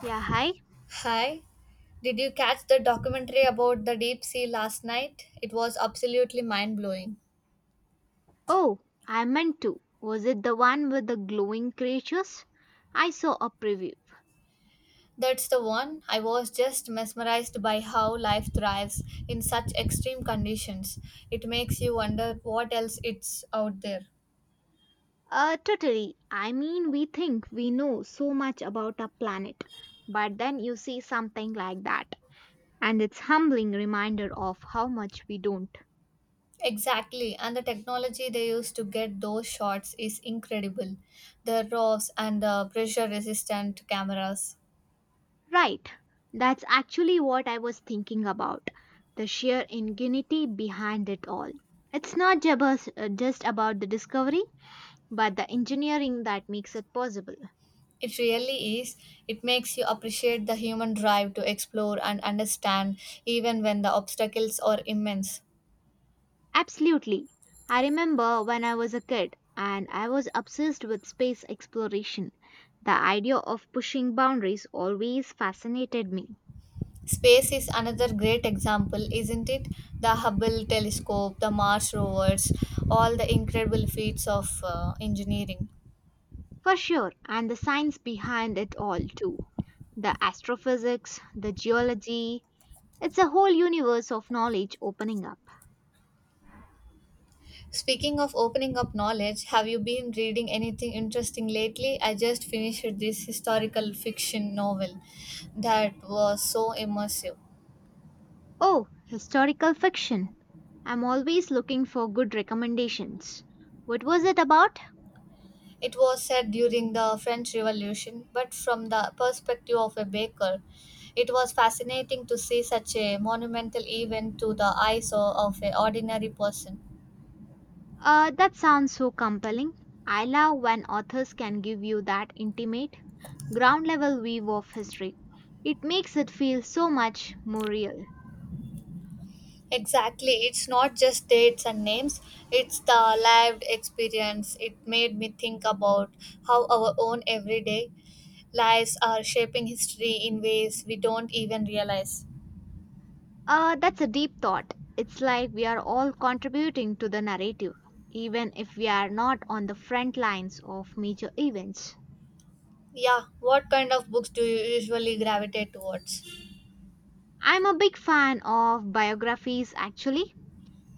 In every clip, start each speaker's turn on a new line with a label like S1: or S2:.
S1: Yeah, hi.
S2: Hi, did you catch the documentary about the deep sea last night? It was absolutely mind blowing.
S1: Oh, I meant to. Was it the one with the glowing creatures? I saw a preview.
S2: That's the one. I was just mesmerized by how life thrives in such extreme conditions. It makes you wonder what else it's out there.
S1: Totally. I mean, we think we know so much about our planet, but then you see something like that, and it's humbling reminder of how much we don't.
S2: Exactly, and the technology they use to get those shots is incredible. The RAWs and the pressure resistant cameras.
S1: Right. That's actually what I was thinking about. The sheer ingenuity behind it all. It's not just about the discovery, but the engineering that makes it possible.
S2: It really is. It makes you appreciate the human drive to explore and understand, even when the obstacles are immense.
S1: Absolutely. I remember when I was a kid and I was obsessed with space exploration. The idea of pushing boundaries always fascinated me.
S2: Space is another great example, isn't it? The Hubble telescope, the Mars rovers, all the incredible feats of engineering.
S1: For sure, and the science behind it all too. The astrophysics, the geology, it's a whole universe of knowledge opening up.
S2: Speaking of opening up knowledge, have you been reading anything interesting lately? I just finished this historical fiction novel that was so immersive.
S1: Oh, historical fiction. I'm always looking for good recommendations. What was it about?
S2: It was set during the French Revolution, but from the perspective of a baker, it was fascinating to see such a monumental event to the eyes of an ordinary person.
S1: That sounds so compelling. I love when authors can give you that intimate, ground level view of history. It makes it feel so much more real.
S2: Exactly, it's not just dates and names, it's the lived experience. It made me think about how our own everyday lives are shaping history in ways we don't even realize.
S1: That's a deep thought. It's like we are all contributing to the narrative, even if we are not on the front lines of major events.
S2: Yeah, what kind of books do you usually gravitate towards?
S1: I'm a big fan of biographies, actually.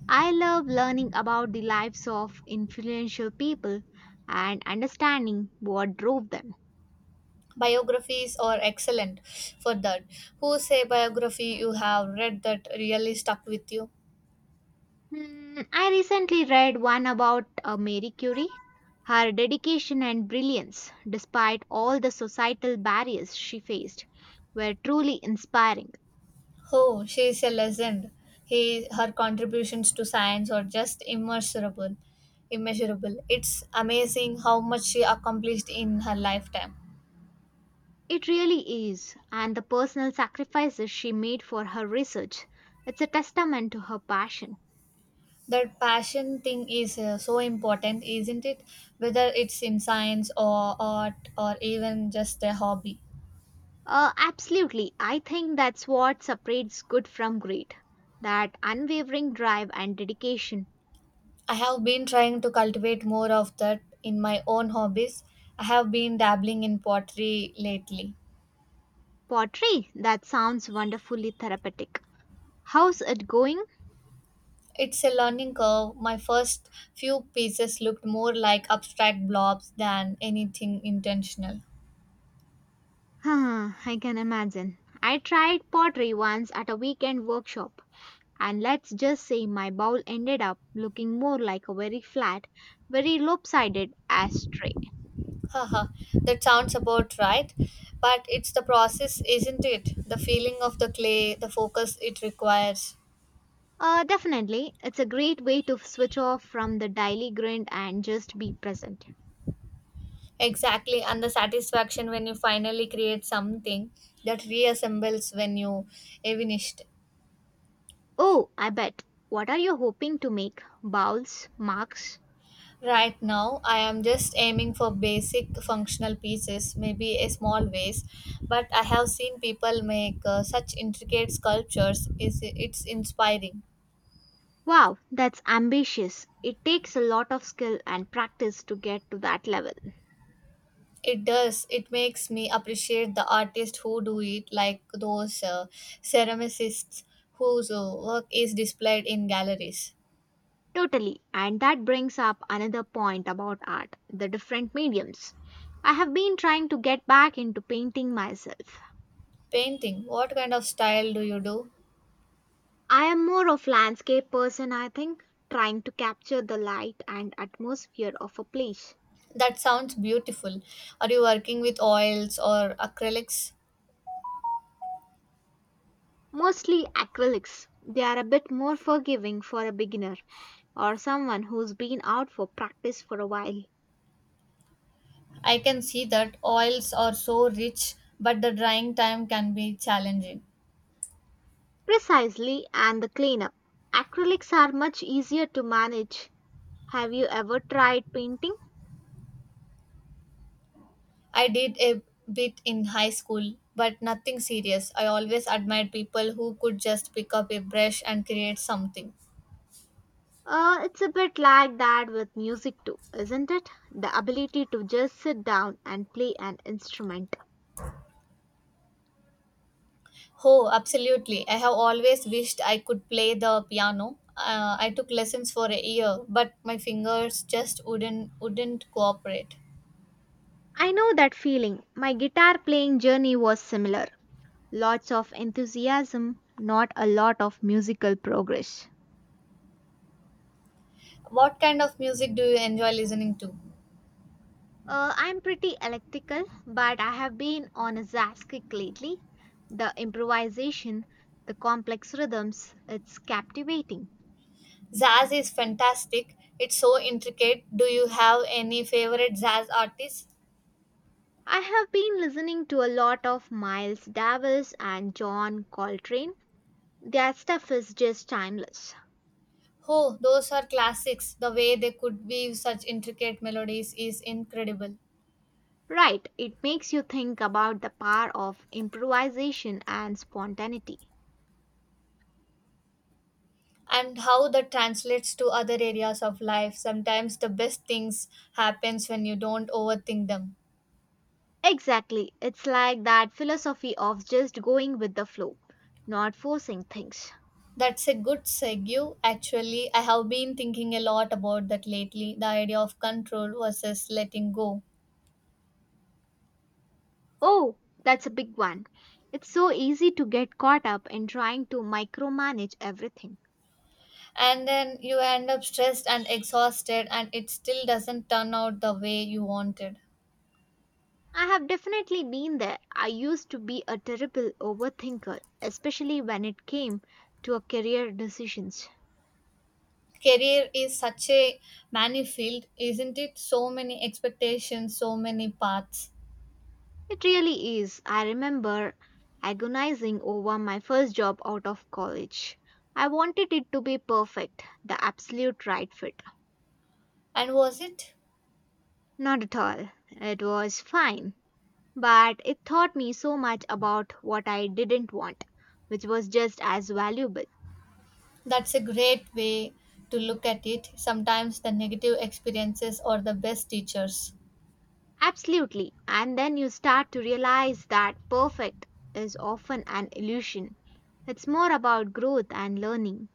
S1: I love learning about the lives of influential people and understanding what drove them.
S2: Biographies are excellent for that. Whose a biography you have read that really stuck with you?
S1: Hmm, I recently read one about Marie Curie, her dedication and brilliance, despite all the societal barriers she faced, were truly inspiring.
S2: Oh, she is a legend. He, her contributions to science are just immeasurable. Immeasurable. It's amazing how much she accomplished in her lifetime.
S1: It really is, and the personal sacrifices she made for her research, it's a testament to her passion.
S2: That passion thing is so important, isn't it? Whether it's in science or art or even just a hobby.
S1: Absolutely, I think that's what separates good from great, that unwavering drive and dedication.
S2: I have been trying to cultivate more of that in my own hobbies. I have been dabbling in pottery lately.
S1: Pottery, that sounds wonderfully therapeutic. How's it going?
S2: It's a learning curve. My first few pieces looked more like abstract blobs than anything intentional.
S1: Huh, I can imagine. I tried pottery once at a weekend workshop, and let's just say my bowl ended up looking more like a very flat, very lopsided ashtray.
S2: Haha, that sounds about right. But it's the process, isn't it? The feeling of the clay, the focus it requires.
S1: Definitely, it's a great way to switch off from the daily grind and just be present.
S2: Exactly, and the satisfaction when you finally create something that reassembles when you evinished.
S1: Oh, I bet. What are you hoping to make? Bowls? Marks?
S2: Right now, I am just aiming for basic functional pieces, maybe a small vase, but I have seen people make such intricate sculptures. Is It's inspiring.
S1: Wow, that's ambitious. It takes a lot of skill and practice to get to that level.
S2: It does. It makes me appreciate the artists who do it, like those ceramicists whose work is displayed in galleries.
S1: Totally. And that brings up another point about art the different mediums. I have been trying to get back into painting myself.
S2: Painting. What kind of style do you do?
S1: I am more of landscape person I think, trying to capture the light and atmosphere of a place.
S2: That sounds beautiful. Are you working with oils or acrylics?
S1: Mostly acrylics. They are a bit more forgiving for a beginner or someone who's been out for practice for a while.
S2: I can see that oils are so rich, but the drying time can be challenging.
S1: Precisely, and the cleanup. Acrylics are much easier to manage. Have you ever tried painting?
S2: I did a bit in high school, but nothing serious. I always admired people who could just pick up a brush and create something.
S1: It's a bit like that with music too, isn't it? The ability to just sit down and play an instrument.
S2: Oh, absolutely. I have always wished I could play the piano. I took lessons for a year, but my fingers just wouldn't cooperate.
S1: I know that feeling. My guitar playing journey was similar. Lots of enthusiasm, not a lot of musical progress.
S2: What kind of music do you enjoy listening to?
S1: I'm pretty electrical, but I have been on a jazz kick lately. The improvisation, the complex rhythms, it's captivating.
S2: Jazz is fantastic. It's so intricate. Do you have any favorite jazz artists?
S1: I have been listening to a lot of Miles Davis and John Coltrane. Their stuff is just timeless.
S2: Oh, those are classics. The way they could weave such intricate melodies is incredible.
S1: Right, it makes you think about the power of improvisation and spontaneity.
S2: And how that translates to other areas of life. Sometimes the best things happens when you don't overthink them.
S1: Exactly, it's like that philosophy of just going with the flow, not forcing things.
S2: That's a good segue. Actually, I have been thinking a lot about that lately. The idea of control versus letting go.
S1: Oh, that's a big one. It's so easy to get caught up in trying to micromanage everything.
S2: And then you end up stressed and exhausted and it still doesn't turn out the way you wanted.
S1: I have definitely been there. I used to be a terrible overthinker, especially when it came to a career decisions.
S2: Career is such a many field, isn't it? So many expectations, so many paths.
S1: It really is. I remember agonizing over my first job out of college. I wanted it to be perfect, the absolute right fit.
S2: And was it?
S1: Not at all. It was fine. But it taught me so much about what I didn't want, which was just as valuable.
S2: That's a great way to look at it. Sometimes the negative experiences are the best teachers.
S1: Absolutely. And then you start to realize that perfect is often an illusion. It's more about growth and learning.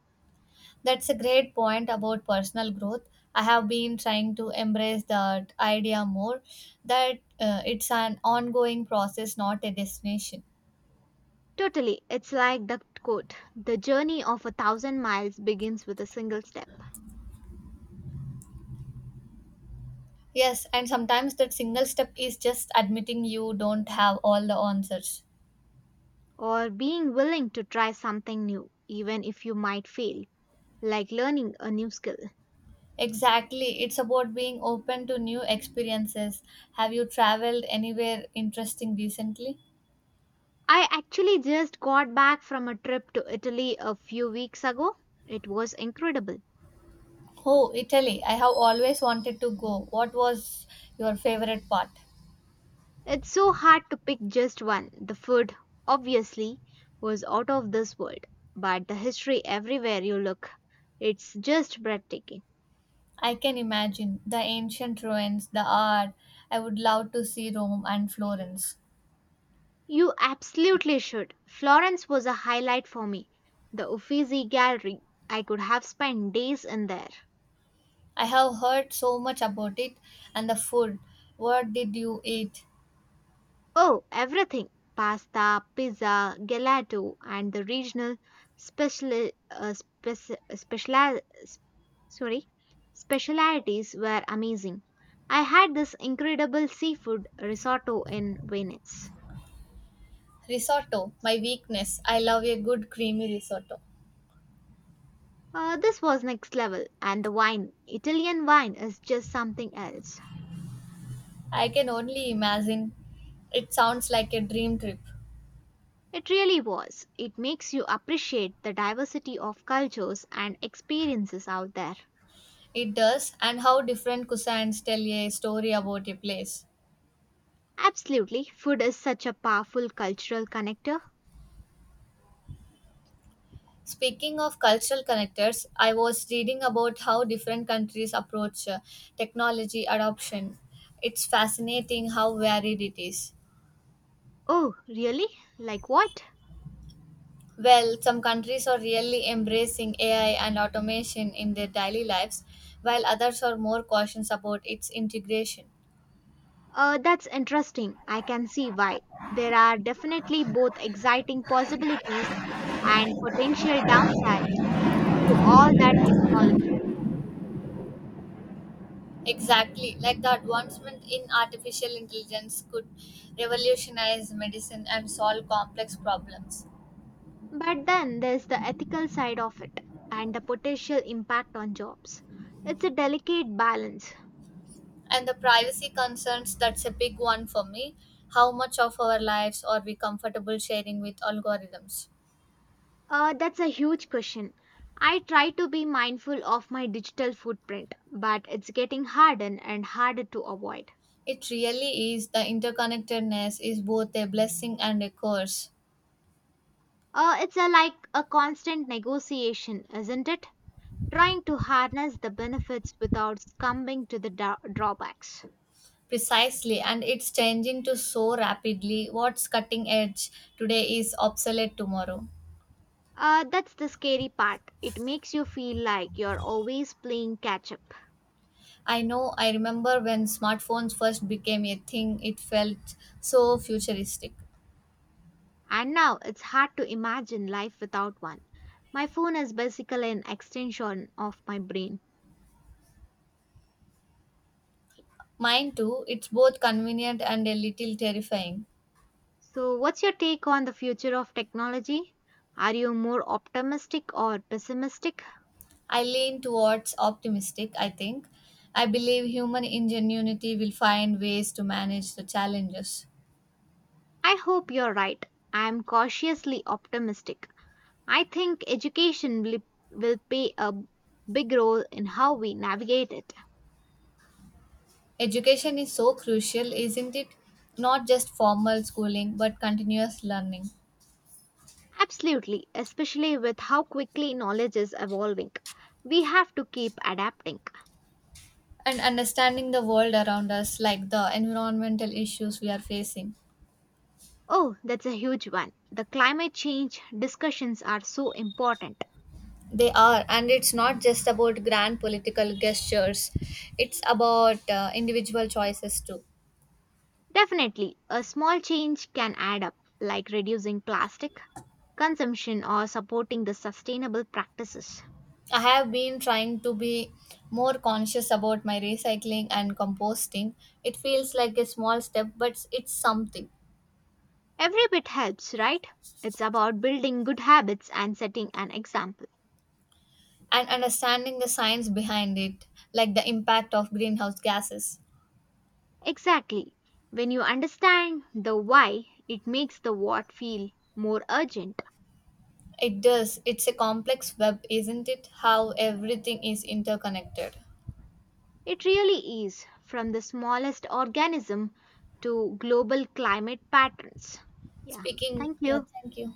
S2: That's a great point about personal growth. I have been trying to embrace that idea more, that it's an ongoing process, not a destination.
S1: Totally. It's like the quote, "The journey of a thousand miles begins with a single step,"
S2: Yes, and sometimes that single step is just admitting you don't have all the answers.
S1: or being willing to try something new, even if you might fail, like learning a new skill.
S2: Exactly. It's about being open to new experiences. Have you traveled anywhere interesting recently?
S1: I actually just got back from a trip to Italy a few weeks ago. It was incredible.
S2: Oh, Italy. I have always wanted to go. What was your favorite part?
S1: It's so hard to pick just one. The food, obviously, was out of this world, but the history everywhere you look, it's just breathtaking.
S2: I can imagine the ancient ruins, the art. I would love to see Rome and Florence.
S1: You absolutely should. Florence was a highlight for me. The Uffizi Gallery. I could have spent days in there.
S2: I have heard so much about it, and the food. What did you eat?
S1: Oh, everything, pasta, pizza, gelato, and the regional special, uh, speci- special, sorry, specialities were amazing. I had this incredible seafood risotto in Venice.
S2: Risotto, my weakness. I love a good creamy risotto.
S1: This was next level, and the wine, Italian wine, is just something else.
S2: I can only imagine. It sounds like a dream trip.
S1: It really was. It makes you appreciate the diversity of cultures and experiences out there.
S2: It does, and how different cousins tell a story about a place.
S1: Absolutely. Food is such a powerful cultural connector.
S2: Speaking of cultural connectors, I was reading about how different countries approach technology adoption. It's fascinating how varied it is.
S1: Oh, really? Like what?
S2: Well, some countries are really embracing AI and automation in their daily lives, while others are more cautious about its integration.
S1: That's interesting. I can see why. There are definitely both exciting possibilities and potential downsides to all that technology.
S2: Exactly. Like the advancement in artificial intelligence could revolutionize medicine and solve complex problems.
S1: But then there's the ethical side of it and the potential impact on jobs. It's a delicate balance.
S2: And the privacy concerns, that's a big one for me. How much of our lives are we comfortable sharing with algorithms?
S1: That's a huge question. I try to be mindful of my digital footprint, but it's getting harder and harder to avoid.
S2: It really is. The interconnectedness is both a blessing and a curse.
S1: Like a constant negotiation, isn't it? Trying to harness the benefits without succumbing to the drawbacks.
S2: Precisely, and it's changing to so rapidly. What's cutting edge today is obsolete tomorrow.
S1: That's the scary part. It makes you feel like you're always playing catch up.
S2: I know. I remember when smartphones first became a thing, it felt so futuristic.
S1: And now it's hard to imagine life without one. My phone is basically an extension of my brain.
S2: Mine too, it's both convenient and a little terrifying.
S1: So, what's your take on the future of technology? Are you more optimistic or pessimistic?
S2: I lean towards optimistic, I think. I believe human ingenuity will find ways to manage the challenges.
S1: I hope you're right. I am cautiously optimistic. I think education will, play a big role in how we navigate it.
S2: Education is so crucial, isn't it? Not just formal schooling, but continuous learning
S1: Absolutely, especially with how quickly knowledge is evolving. We have to keep adapting.
S2: and understanding the world around us, like the environmental issues we are facing.
S1: Oh, that's a huge one. The climate change discussions are so important.
S2: They are, and it's not just about grand political gestures, it's about individual choices too.
S1: Definitely, a small change can add up, like reducing plastic consumption or supporting the sustainable practices.
S2: I have been trying to be more conscious about my recycling and composting. It feels like a small step, but it's something.
S1: Every bit helps, right? It's about building good habits and setting an example.
S2: And understanding the science behind it, like the impact of greenhouse gases.
S1: Exactly. When you understand the why, it makes the what feel more urgent.
S2: It does. It's a complex web, isn't it? How everything is interconnected.
S1: It really is, from the smallest organism to global climate patterns. Yeah,
S2: Speaking,
S1: thank
S2: yeah,
S1: you.
S2: thank you.